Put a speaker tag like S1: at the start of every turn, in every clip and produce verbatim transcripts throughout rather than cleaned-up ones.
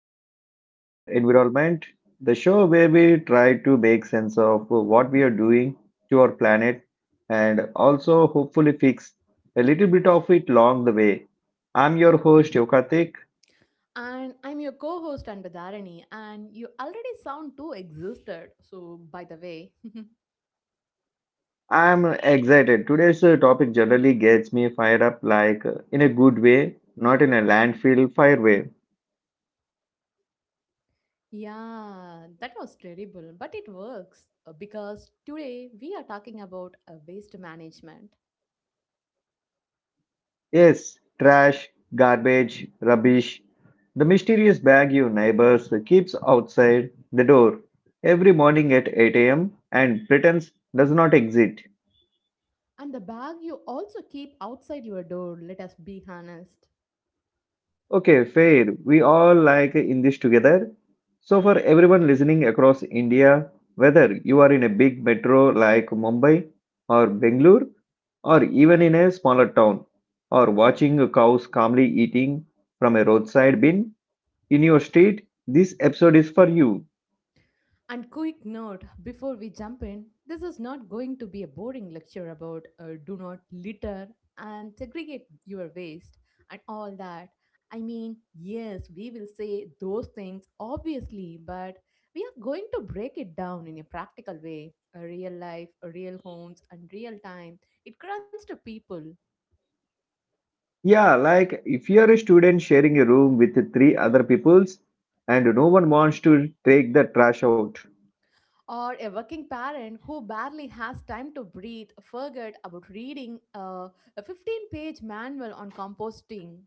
S1: episode of uh, Ed- Environment, the show where we try to make sense of what we are doing to our planet and also hopefully fix a little bit of it along the way. I'm your host Yokatik.
S2: And I'm your co host Anbadharani, and you already sound too exhausted. So, by the way,
S1: I'm excited. Today's uh, topic generally gets me fired up like uh, in a good way, not in a landfill fire way.
S2: yeah, that was terrible, but it works uh, because today we are talking about uh, waste management.
S1: Yes, trash, garbage, rubbish, the mysterious bag your neighbors keeps outside the door every morning at eight a m and pretends does not exist.
S2: And the bag you also keep outside your door, let us be honest.
S1: Okay, fair. We all like in this together. So, for everyone listening across India, whether you are in a big metro like Mumbai or Bangalore, or even in a smaller town, or watching cows calmly eating from a roadside bin, in your state, this episode is for you.
S2: And quick note before we jump in, this is not going to be a boring lecture about uh, do not litter and segregate your waste and all that. I mean, yes, we will say those things obviously, but we are going to break it down in a practical way, a real life, a real homes, and real time. It grunts to people.
S1: Yeah, like if you're a student sharing a room with three other peoples and no one wants to take the trash out.
S2: Or a working parent who barely has time to breathe, forget about reading uh, a fifteen page manual on composting.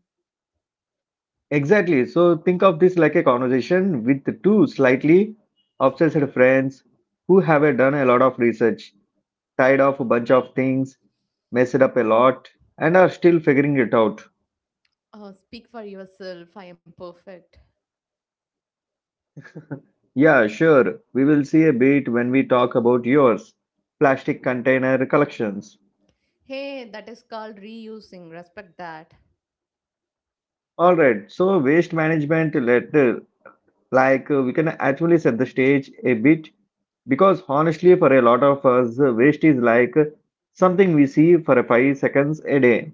S1: Exactly. So think of this like a conversation with two slightly obsessed friends who have done a lot of research, tied off a bunch of things, messed up a lot, and are still figuring it out.
S2: Oh, speak for yourself. I am perfect.
S1: Yeah, sure. We will see a bit when we talk about yours. Plastic container collections.
S2: Hey, that is called reusing. Respect that.
S1: All right. So waste management later, like uh, we can actually set the stage a bit because honestly, for a lot of us, uh, waste is like uh, something we see for a five seconds a day.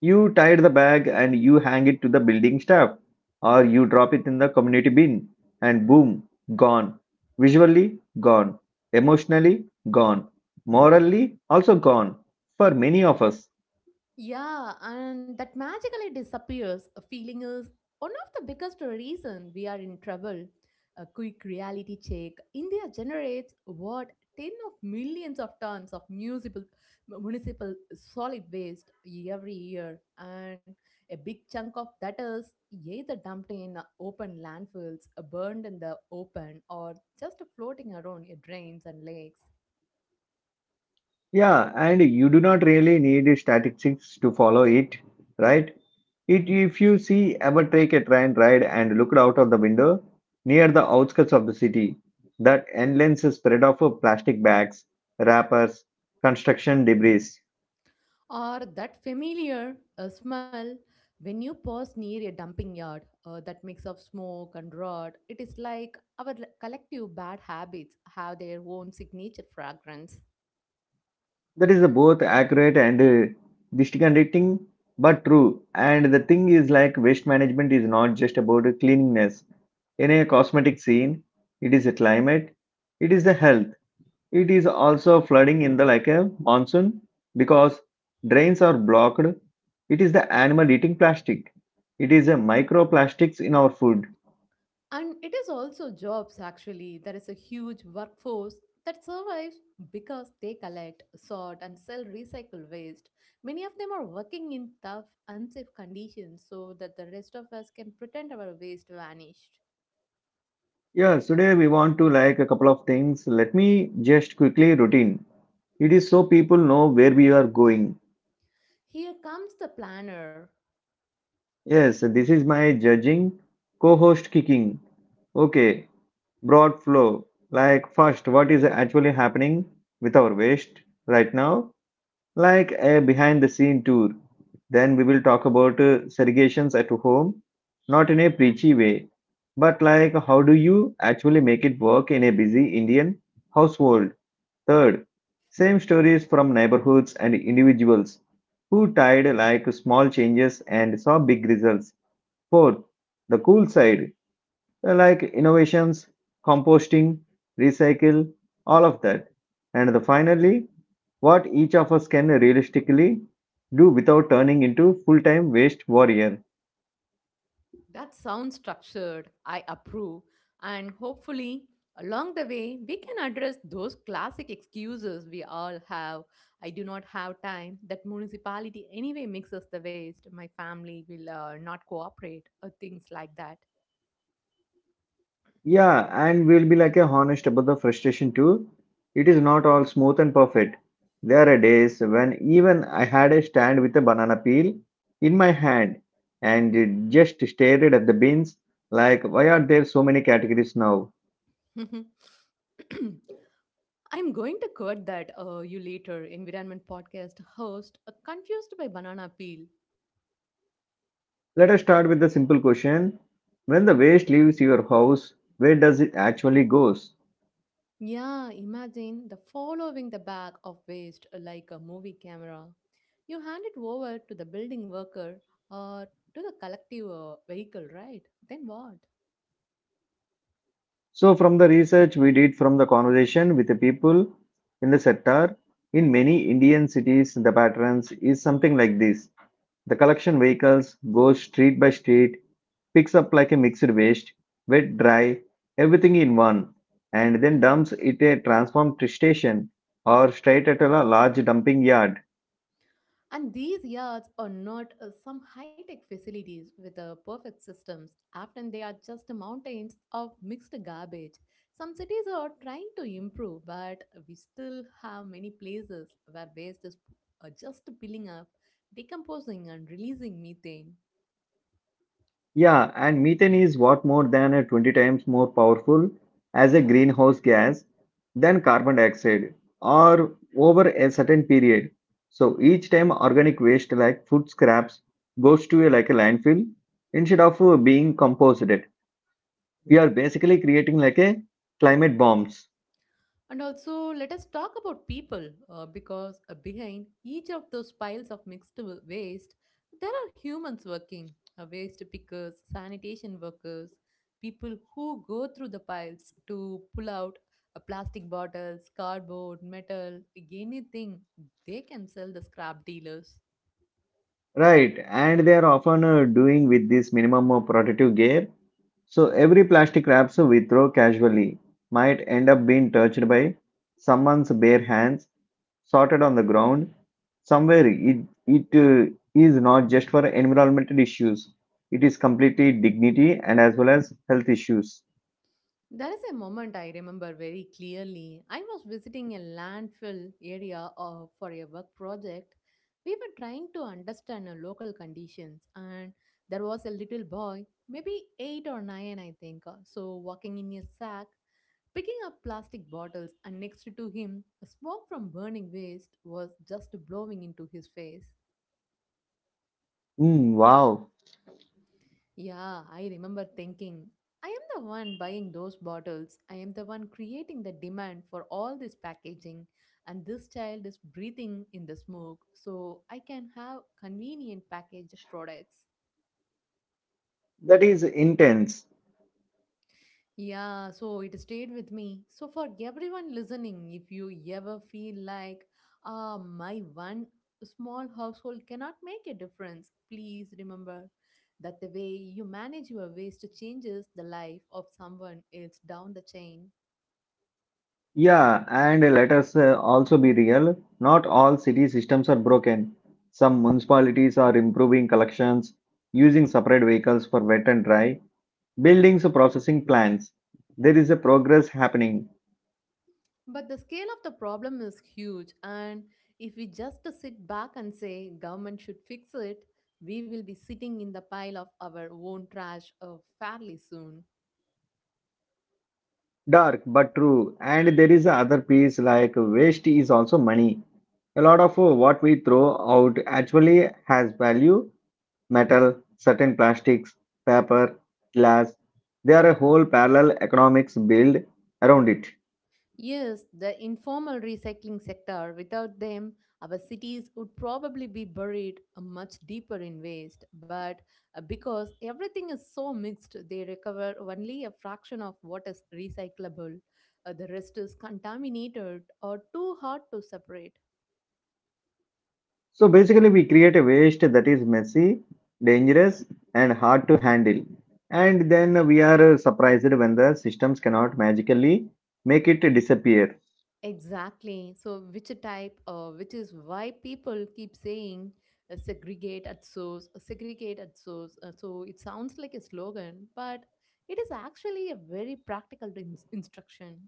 S1: You tie the bag and you hang it to the building staff, or you drop it in the community bin, and boom, gone. Visually, gone. Emotionally, gone. Morally, also gone. For many of us.
S2: Yeah, and that magically disappears. A feeling is one of the biggest reason we are in trouble. A quick reality check. India generates what, ten of millions of tons of municipal municipal solid waste every year, and a big chunk of that is either dumped in open landfills, burned in the open, or just floating around in drains and lakes.
S1: Yeah, and you do not really need statistics to follow it, right? It, if you see ever take a train ride and looked out of the window near the outskirts of the city, that endless spread of plastic bags, wrappers, construction debris.
S2: Or that familiar uh, smell when you pass near a dumping yard, uh, that mix of smoke and rot. It is like our l- collective bad habits have their own signature fragrance.
S1: That is both accurate and uh, disconcerting, but true. And the thing is, like waste management is not just about cleanliness. In a cosmetic scene, it is a climate, it is the health, it is also flooding in the like a monsoon because drains are blocked. It is the animal eating plastic. It is a microplastics in our food.
S2: And it is also jobs, actually. There is a huge workforce that survives because they collect, sort, and sell recycled waste. Many of them are working in tough, unsafe conditions so that the rest of us can pretend our waste vanished.
S1: Yes, today we want to like a couple of things. Let me just quickly routine. It is so people know where we are going.
S2: Here comes the planner.
S1: Yes, this is my judging co-host kicking. Okay, broad flow. Like first, what is actually happening with our waste right now? Like a behind the scene tour. Then we will talk about uh, segregations at home, not in a preachy way, but like how do you actually make it work in a busy Indian household? Third, same stories from neighborhoods and individuals who tried like small changes and saw big results. Fourth, the cool side like innovations, composting, recycle, all of that. And the finally, what each of us can realistically do without turning into full-time waste warrior.
S2: That sounds structured. I approve. And hopefully, along the way, we can address those classic excuses we all have. I do not have time. That municipality anyway mixes the waste. My family will uh, not cooperate, or things like that.
S1: Yeah, and we'll be like a honest about the frustration too. It is not all smooth and perfect. There are days when even I had a stand with a banana peel in my hand and it just stared at the bins like why are there so many categories now?
S2: I'm going to quote that uh, you later, environment podcast host, uh, confused by banana peel.
S1: Let us start with the simple question. When the waste leaves your house, where does it actually goes?
S2: Yeah, imagine the following the bag of waste uh, like a movie camera. You hand it over to the building worker or to the collective uh, vehicle, right? Then what?
S1: So from the research we did from the conversation with the people in the sector, in many Indian cities, the patterns is something like this. The collection vehicles goes street by street, picks up like a mixed waste, wet, dry, everything in one, and then dumps it at a transform station or straight at a large dumping yard.
S2: And these yards are not uh, some high tech facilities with uh, perfect systems. Often they are just mountains of mixed garbage. Some cities are trying to improve, but we still have many places where waste is uh, just piling up, decomposing, and releasing methane.
S1: Yeah, and methane is what more than a twenty times more powerful as a greenhouse gas than carbon dioxide or over a certain period. So each time organic waste like food scraps goes to a, like a landfill instead of uh, being composted, we are basically creating like a climate bombs,
S2: And also, let us talk about people uh, because uh, behind each of those piles of mixed wa- waste, there are humans working, uh, waste pickers, sanitation workers, people who go through the piles to pull out uh, plastic bottles, cardboard, metal, anything they can sell the scrap dealers.
S1: right? And they are often uh, doing with this minimum of protective gear. So every plastic wraps we throw casually might end up being touched by someone's bare hands, sorted on the ground somewhere. It it uh, is not just for environmental issues; it is completely dignity and as well as health issues.
S2: There is a moment I remember very clearly. I was visiting a landfill area uh, for a work project. We were trying to understand uh, local conditions, and there was a little boy, maybe eight or nine, I think, uh, so walking in a sack, picking up plastic bottles, and next to him, smoke from burning waste was just blowing into his face.
S1: Mm, wow,
S2: Yeah, I remember thinking, I am the one buying those bottles. I am the one creating the demand for all this packaging, and this child is breathing in the smoke, so I can have convenient packaged products.
S1: that is intense.
S2: Yeah, so it stayed with me. So, for everyone listening, if you ever feel like, ah, my one small household cannot make a difference, please remember that the way you manage your waste changes the life of someone else down the chain.
S1: Yeah, and let us uh, also be real. Not all city systems are broken. Some municipalities are improving collections, using separate vehicles for wet and dry buildings processing plants. There is a progress happening.
S2: But the scale of the problem is huge, and if we just sit back and say government should fix it, we will be sitting in the pile of our own trash uh, fairly soon.
S1: Dark but true. And there is other piece like waste is also money. A lot of uh, what we throw out actually has value. Metal, certain plastics, paper, glass. There are a whole parallel economics built around it.
S2: Yes, the informal recycling sector, without them, our cities would probably be buried uh, much deeper in waste. But uh, because everything is so mixed, they recover only a fraction of what is recyclable. Uh, the rest is contaminated or too hard to separate.
S1: So basically, we create a waste that is messy, dangerous, and hard to handle. And then we are surprised when the systems cannot magically make it disappear.
S2: Exactly. So, which type, uh, which is why people keep saying uh, segregate at source, uh, segregate at source. Uh, so, it sounds like a slogan, but it is actually a very practical in- instruction.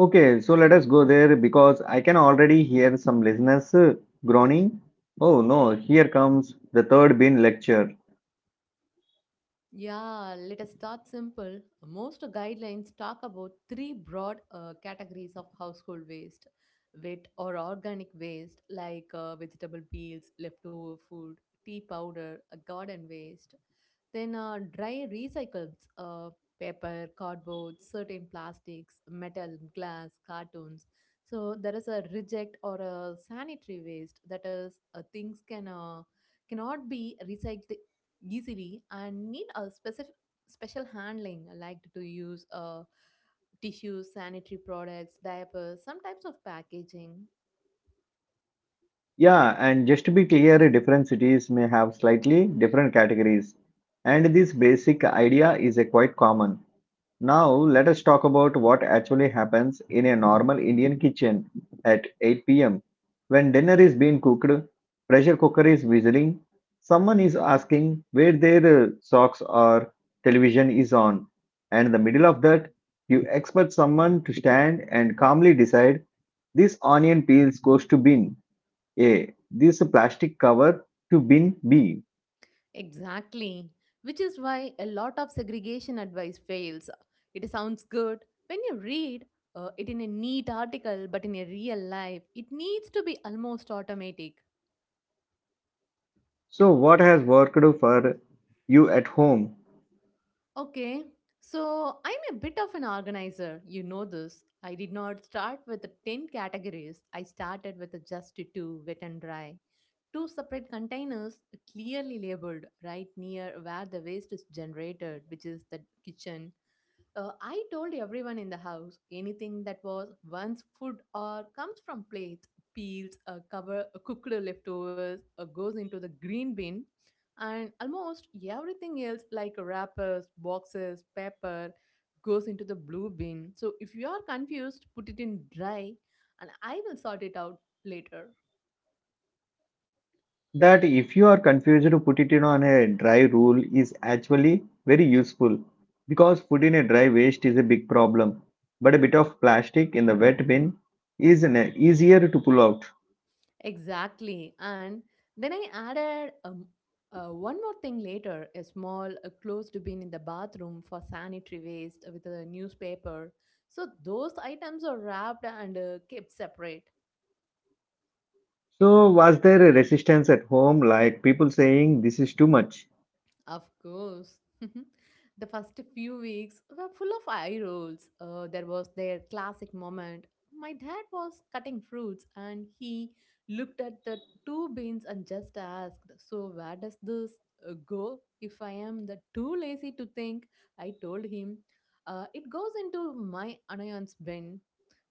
S1: Okay, so let us go there because I can already hear some listeners uh, groaning. Oh no, here comes the third bin lecture.
S2: Yeah, let us start simple. Most guidelines talk about three broad uh, categories of household waste, wet or organic waste, like uh, vegetable peels, leftover food, tea powder, uh, garden waste. Then uh, dry recycles, uh, paper, cardboard, certain plastics, metal, glass, cartoons. So there is a reject or a sanitary waste, that is uh, things can uh, cannot be recycled easily and need a specific special handling like to use, uh, tissues, sanitary products, diapers, some types of packaging.
S1: Yeah, and just to be clear, different cities may have slightly different categories. And this basic idea is uh, quite common. Now, let us talk about what actually happens in a normal Indian kitchen at eight p m. When dinner is being cooked, pressure cooker is whistling, someone is asking where their uh, socks are, television is on, and in the middle of that, you expect someone to stand and calmly decide this onion peels goes to bin A, this plastic cover to bin B.
S2: Exactly, which is why a lot of segregation advice fails. It sounds good when you read uh, it in a neat article, but in a real life, it needs to be almost automatic.
S1: So, what has worked for you at home?
S2: Okay, so I'm a bit of an organizer. You know this. I did not start with the ten categories, I started with the just two, wet and dry. Two separate containers clearly labeled right near where the waste is generated, which is the kitchen. Uh, I told everyone in the house anything that was once food or comes from plates, peels, uh, cover, uh, cooked leftovers, uh, goes into the green bin, and almost everything else like wrappers, boxes, paper goes into the blue bin. So if you are confused, put it in dry, and I will sort it out later.
S1: That if you are confused to put it in on a dry rule is actually very useful because food in a dry waste is a big problem, but a bit of plastic in the wet bin is an easier to pull out.
S2: Exactly. And then I added um, uh, one more thing later, a small uh, closed bin in the bathroom for sanitary waste with a newspaper. So those items are wrapped and uh, kept separate.
S1: So was there a resistance at home like people saying this is too much?
S2: Of course. The first few weeks were full of eye rolls. Uh, there was their classic moment. My dad was cutting fruits and he looked at the two bins and just asked, "So, where does this uh, go? If I am the too lazy to think," I told him, uh, it goes into my annoyance bin.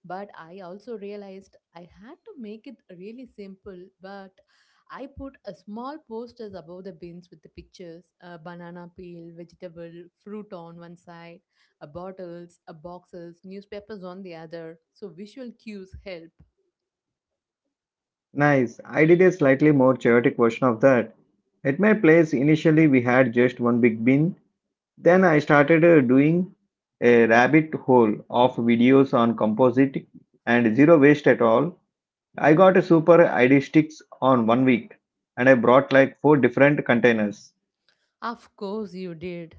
S2: But I also realized I had to make it really simple, but I put a small posters above the bins with the pictures, a banana peel, vegetable, fruit on one side, a bottles, a boxes, newspapers on the other. So visual cues help.
S1: Nice. I did a slightly more chaotic version of that at my place. Initially we had just one big bin. Then I started uh, doing a rabbit hole of videos on composite and zero waste at all. I got super I D sticks on one week and I brought like four different containers.
S2: Of course you did.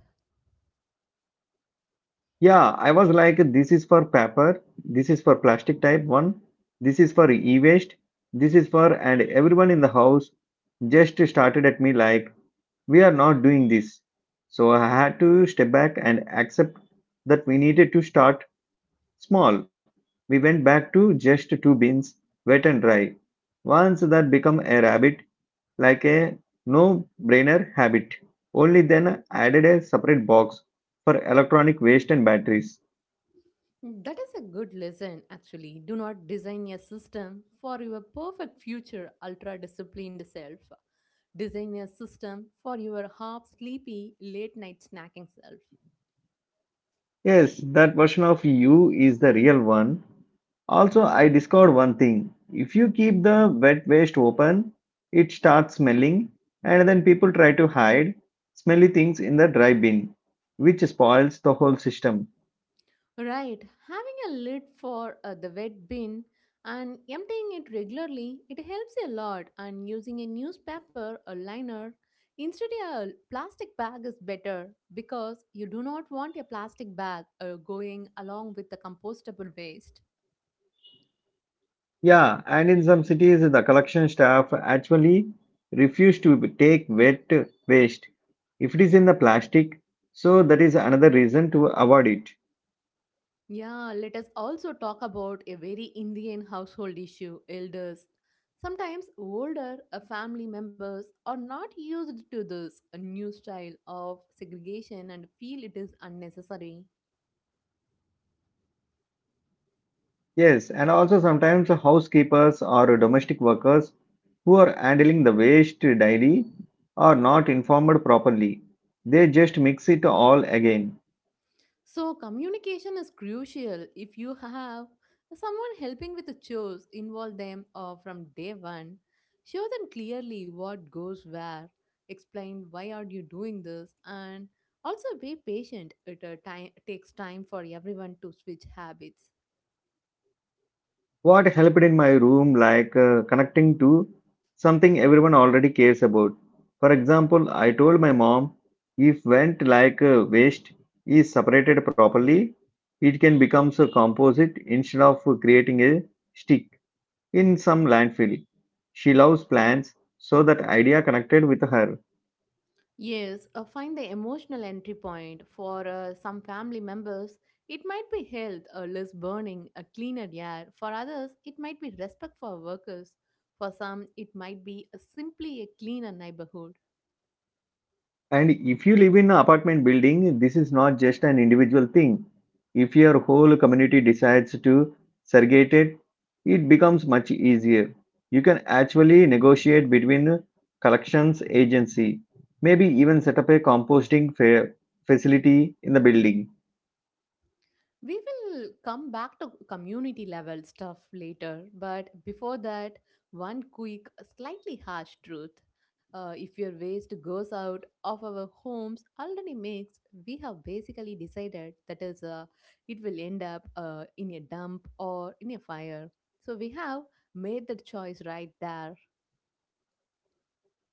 S1: Yeah, I was like, this is for paper, this is for plastic type one, this is for e waste, this is for, and everyone in the house just started at me like, we are not doing this. So I had to step back and accept that we needed to start small. We went back to just two bins, wet and dry. Once that become a habit, like a no-brainer habit. Only then added a separate box for electronic waste and batteries.
S2: Mm, that is a good lesson, actually. Do not design a system for your perfect future ultra disciplined self. Design a system for your half sleepy late night snacking self.
S1: Yes, that version of you is the real one. Also, I discovered one thing. If you keep the wet waste open, it starts smelling, and then people try to hide smelly things in the dry bin, which spoils the whole system.
S2: Right, having a lid for uh, the wet bin and emptying it regularly, it helps a lot. And using a newspaper or liner instead of a plastic bag is better because you do not want a plastic bag uh, going along with the compostable waste.
S1: Yeah, and in some cities, the collection staff actually refuse to take wet waste if it is in the plastic. So that is another reason to avoid it.
S2: Yeah, let us also talk about a very Indian household issue, elders. Sometimes older uh, family members are not used to this uh, new style of segregation and feel it is unnecessary.
S1: Yes, and also sometimes housekeepers or domestic workers who are handling the waste daily are not informed properly. They just mix it all again.
S2: So, communication is crucial. If you have someone helping with the chores, involve them uh, from day one. Show them clearly what goes where. Explain why are you doing this, and also be patient. It uh, time, takes time for everyone to switch habits.
S1: What helped in my room, like uh, connecting to something everyone already cares about. For example, I told my mom if vent like uh, waste is separated properly, it can become a composite instead of creating a stick in some landfill. She loves plants, so that idea connected with her.
S2: Yes, uh, find the emotional entry point. For uh, some family members, it might be health or less burning, a cleaner air. For others, it might be respect for workers. For some, it might be a simply a cleaner neighborhood.
S1: And if you live in an apartment building, this is not just an individual thing. If your whole community decides to segregate it, it becomes much easier. You can actually negotiate between collections agency, maybe even set up a composting fa- facility in the building.
S2: We will come back to community level stuff later, but before that, one quick, slightly harsh truth. Uh, if your waste goes out of our homes already mixed, we have basically decided that is, uh, it will end up uh, in a dump or in a fire. So we have made the choice right there.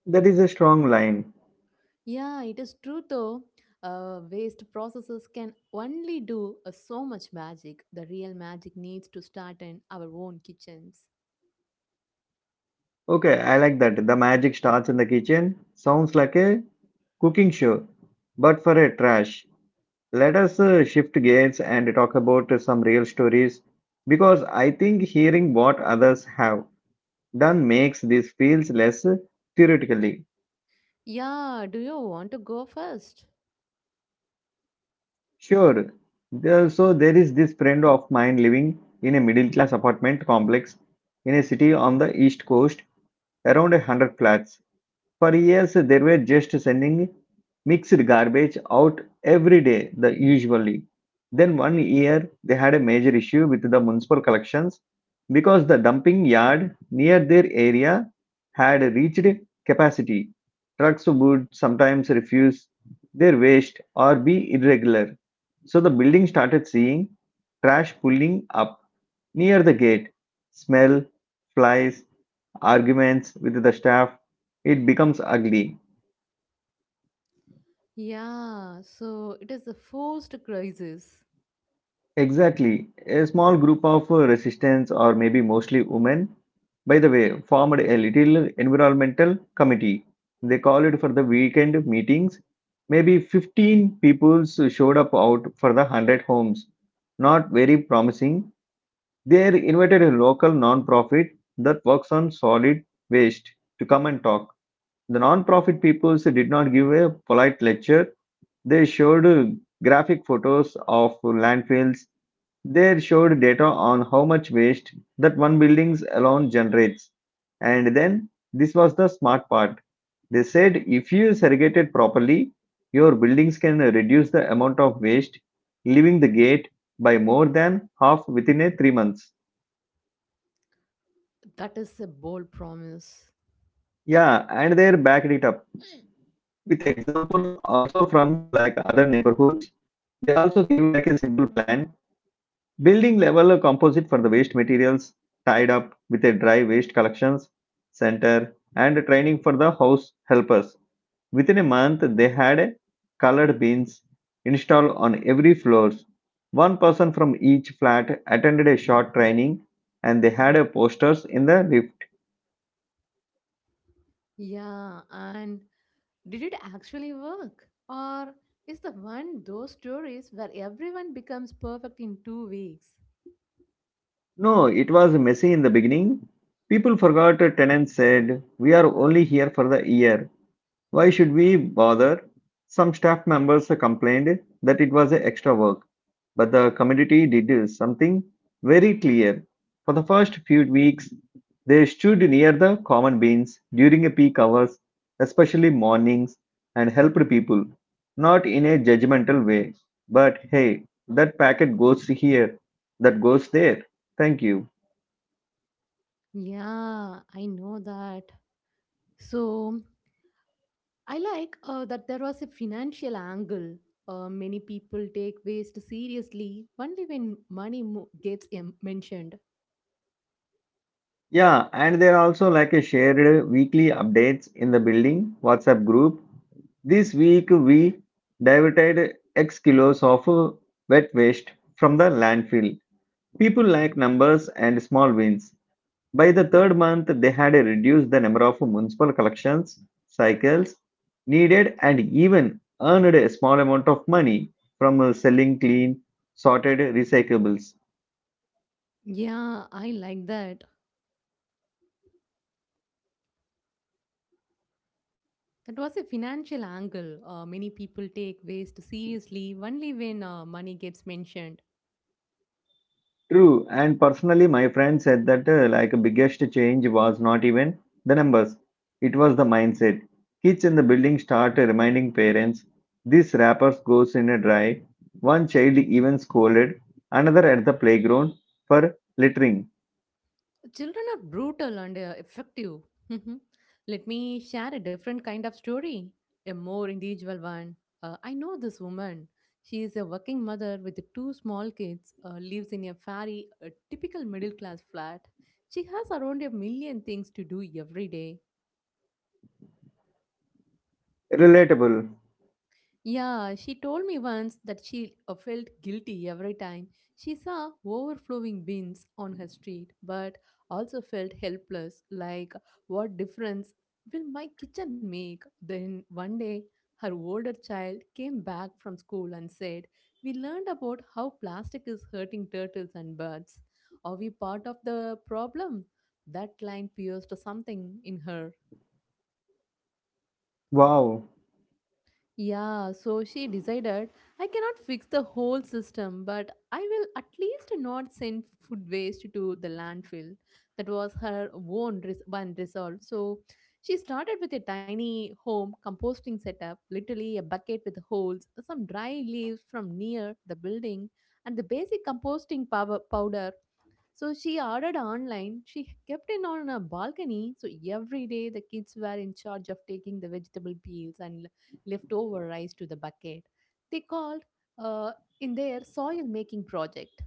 S1: That is a strong line.
S2: Yeah, it is true though. Uh, waste processes can only do uh, so much magic. The real magic needs to start in our own kitchens.
S1: Okay, I like that. The magic starts in the kitchen. Sounds like a cooking show, but for a trash. Let us uh, shift gears and talk about uh, some real stories because I think hearing what others have done makes this feels less uh, theoretically.
S2: Yeah, do you want to go first?
S1: Sure, there- so there is this friend of mine living in a middle class apartment complex in a city on the east coast, around a hundred flats. For years they were just sending mixed garbage out every day the usually. Then one year they had a major issue with the municipal collections because the dumping yard near their area had reached capacity. Trucks would sometimes refuse their waste or be irregular. So the building started seeing trash pulling up near the gate, smell, flies, arguments with the staff, it becomes ugly.
S2: Yeah, so it is the first crisis.
S1: Exactly. A small group of uh, resistance, or maybe mostly women, by the way, formed a little environmental committee. They called it for the weekend meetings. Maybe fifteen people showed up out for the one hundred homes. Not very promising. They invited a local non-profit that works on solid waste to come and talk. The non-profit people did not give a polite lecture. They showed uh, graphic photos of landfills. They showed data on how much waste that one building alone generates. And then this was the smart part. They said if you segregate it properly, your buildings can reduce the amount of waste leaving the gate by more than half within a three months.
S2: That is a bold promise.
S1: Yeah, and they backed it up with example also from uh, like other neighborhoods. They also give like a simple plan. Building level composite for the waste materials tied up with a dry waste collections center and training for the house helpers. Within a month, they had colored bins installed on every floors. One person from each flat attended a short training and they had a posters in the lift.
S2: Yeah, and did it actually work? Or is the one those stories where everyone becomes perfect in two weeks?
S1: No, it was messy in the beginning. People forgot tenants said, We are only here for the year. Why should we bother? Some staff members complained that it was extra work, but the community did something very clear. For the first few weeks, they stood near the common bins during peak hours, especially mornings, and helped people. Not in a judgmental way, but hey, that packet goes here, that goes there. Thank you.
S2: Yeah, I know that. So I like uh, that there was a financial angle. Uh, many people take waste seriously only when money mo- gets em- mentioned.
S1: Yeah, and there are also like a shared weekly updates in the building WhatsApp group. This week we diverted X kilos of uh, wet waste from the landfill. People like numbers and small wins. By the third month, they had reduced the number of municipal collections cycles needed and even earned a small amount of money from uh, selling clean, sorted recyclables.
S2: Yeah, I like that. That was a financial angle. Uh, many people take waste seriously only when uh, money gets mentioned.
S1: True, and personally, my friend said that uh, like biggest change was not even the numbers, it was the mindset. Kids in the building start uh, reminding parents, this wrappers goes in a dry. One child even scolded another at the playground for littering.
S2: Children are brutal and uh, effective. Mhm. Let me share a different kind of story, a more individual one. Uh, I know this woman. She is a working mother with two small kids, uh, lives in a very uh, typical middle class flat. She has around a million things to do every day.
S1: Relatable.
S2: Yeah, she told me once that she uh, felt guilty every time she saw overflowing bins on her street, but also felt helpless, like, what difference will my kitchen make? Then one day, her older child came back from school and said, "We learned about how plastic is hurting turtles and birds. Are we part of the problem?" That line pierced something in her.
S1: Wow,
S2: Yeah, so she decided, I cannot fix the whole system, but I will at least not send food waste to the landfill. That was her own res- one resolve. So she started with a tiny home composting setup, literally a bucket with holes, some dry leaves from near the building, and the basic composting power powder so she ordered online. She kept it on a balcony. So every day the kids were in charge of taking the vegetable peels and l- leftover rice to the bucket. They called uh, in their soil making project.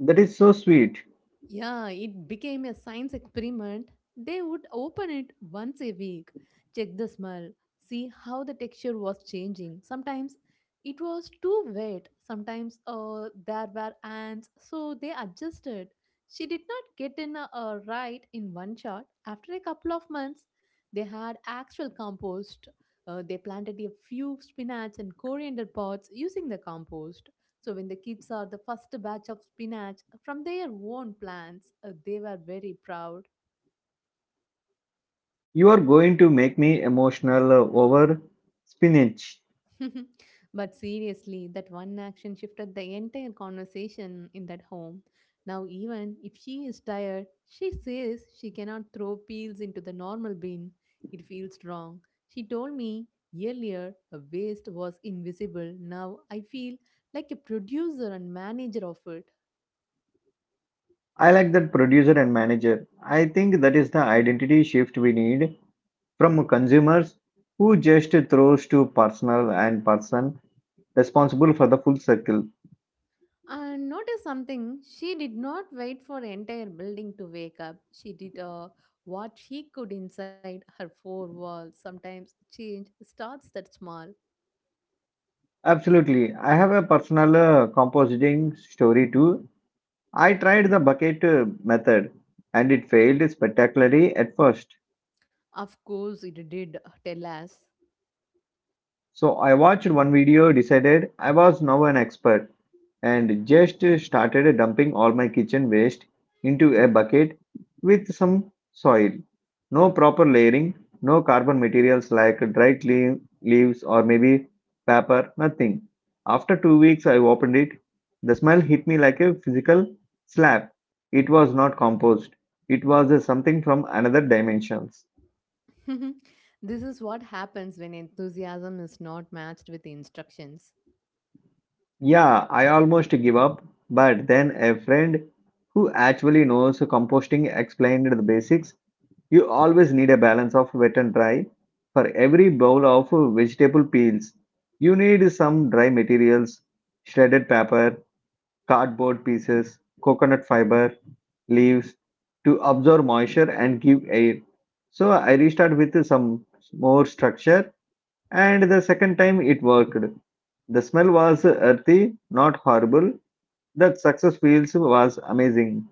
S1: that is so sweet.
S2: Yeah, it became a science experiment. They would open it once a week, check the smell, see how the texture was changing. Sometimes it was too wet, sometimes uh, there were ants, so they adjusted. She did not get in a, a right in one shot. After a couple of months, they had actual compost. Uh, they planted a few spinach and coriander pots using the compost. So when the kids are the first batch of spinach from their own plants, uh, they were very proud.
S1: You are going to make me emotional uh, over spinach.
S2: But seriously, that one action shifted the entire conversation in that home. Now, even if she is tired, she says she cannot throw peels into the normal bin. It feels wrong. She told me earlier a waste was invisible. Now I feel like a producer and manager of it.
S1: I like that producer and manager. I think that is the identity shift we need from consumers, who just throws to personal and person responsible for the full circle.
S2: And notice something, she did not wait for the entire building to wake up. She did uh, what she could inside her four walls. Sometimes change starts that small.
S1: Absolutely. I have a personal uh, compositing story too. I tried the bucket uh, method and it failed spectacularly at first.
S2: Of course, it did. Tell us.
S1: So I watched one video, decided I was now an expert, and just started dumping all my kitchen waste into a bucket with some soil. No proper layering, no carbon materials like dry cle- leaves or maybe paper, nothing. After two weeks, I opened it. The smell hit me like a physical slap. It was not compost. It was uh, something from another dimensions.
S2: This is what happens when enthusiasm is not matched with instructions.
S1: Yeah, I almost give up, but then a friend who actually knows composting explained the basics. You always need a balance of wet and dry. For every bowl of vegetable peels, you need some dry materials, shredded paper, cardboard pieces, coconut fiber, leaves to absorb moisture and give air. So I restart with some more structure and the second time it worked. The smell was earthy, not horrible. That success feels was amazing.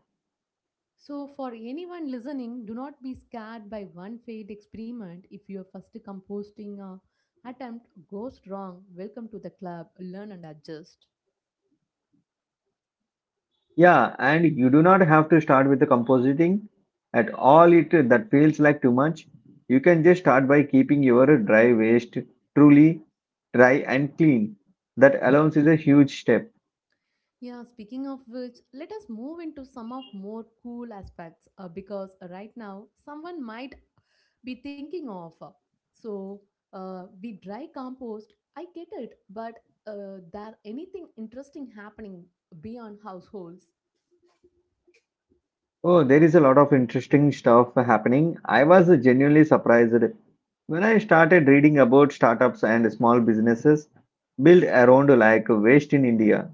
S2: So, for anyone listening, do not be scared by one failed experiment. If your first composting uh, attempt goes wrong, welcome to the club. Learn and adjust.
S1: Yeah, and you do not have to start with the compositing at all it that feels like too much. You can just start by keeping your dry waste truly dry and clean. That alone is a huge step.
S2: Yeah, speaking of which, let us move into some of more cool aspects uh, because uh, right now someone might be thinking of. uh, So, uh, we dry compost, I get it, but uh, there anything interesting happening beyond households?
S1: Oh, there is a lot of interesting stuff happening. I was genuinely surprised when I started reading about startups and small businesses built around like waste in India.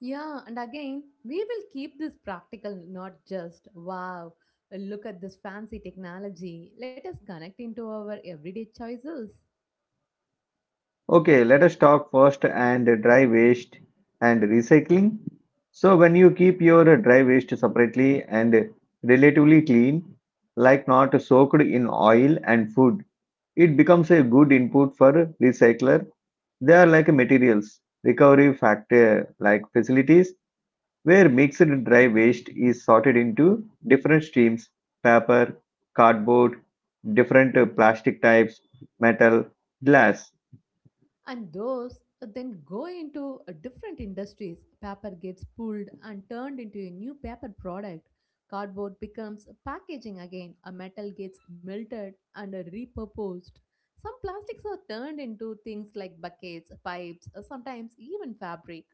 S2: Yeah, and again, we will keep this practical, not just, wow, look at this fancy technology. Let us connect into our everyday choices.
S1: Okay, let us talk first and dry waste and recycling. So when you keep your dry waste separately and relatively clean, like not soaked in oil and food, it becomes a good input for recycler. They are like materials recovery factor like facilities where mixed dry waste is sorted into different streams, paper, cardboard, different uh, plastic types, metal, glass.
S2: And those then go into uh, different industries. Paper gets pulled and turned into a new paper product, cardboard becomes packaging again, a metal gets melted and uh, repurposed, some plastics are turned into things like buckets, pipes, uh, sometimes even fabric.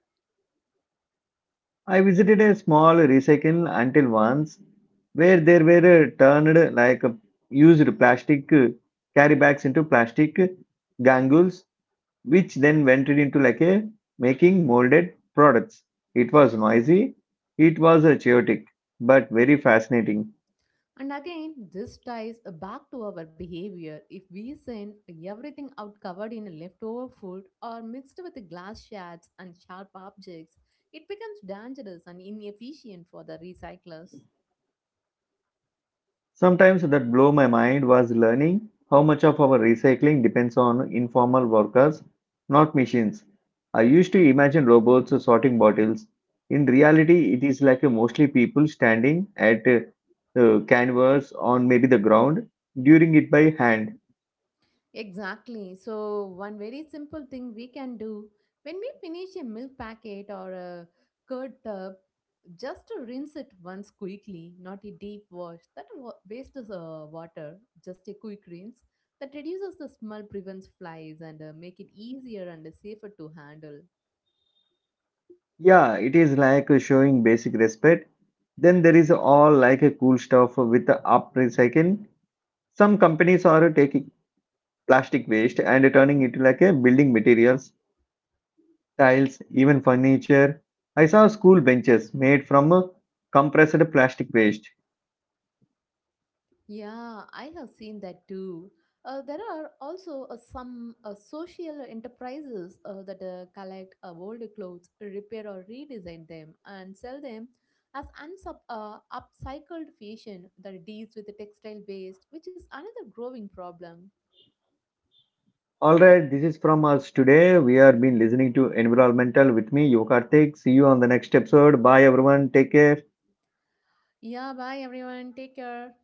S1: I visited a small recycle until once where there were uh, turned like uh, used plastic uh, carry bags into plastic gangles, which then went into like a making molded products. It was noisy, it was uh, chaotic, but very fascinating.
S2: And again, this ties back to our behavior. If we send everything out covered in leftover food or mixed with glass shards and sharp objects, it becomes dangerous and inefficient for the recyclers.
S1: Sometimes that blow my mind was learning how much of our recycling depends on informal workers, not machines. I used to imagine robots sorting bottles. In reality, it is like mostly people standing at uh, uh, canvas on maybe the ground, during it by hand.
S2: Exactly. So, one very simple thing we can do when we finish a milk packet or a curd tub, just to rinse it once quickly, not a deep wash. That wa- wastes uh, water, just a quick rinse that reduces the smell, prevents flies, and uh, make it easier and uh, safer to handle.
S1: Yeah, it is like showing basic respect. Then there is all like a cool stuff with the up recycling. Some companies are taking plastic waste and turning it like a building materials tiles, even furniture. I saw school benches made from uh, compressed plastic waste.
S2: Yeah, I have seen that too. Uh, there are also uh, some uh, social enterprises uh, that uh, collect uh, old clothes, repair or redesign them, and sell them as unsub, uh, upcycled fashion that deals with the textile waste, which is another growing problem.
S1: All right, this is from us today. We have been listening to Environmental with me, Yokartik. See you on the next episode. Bye, everyone. Take care.
S2: Yeah, bye everyone. Take care.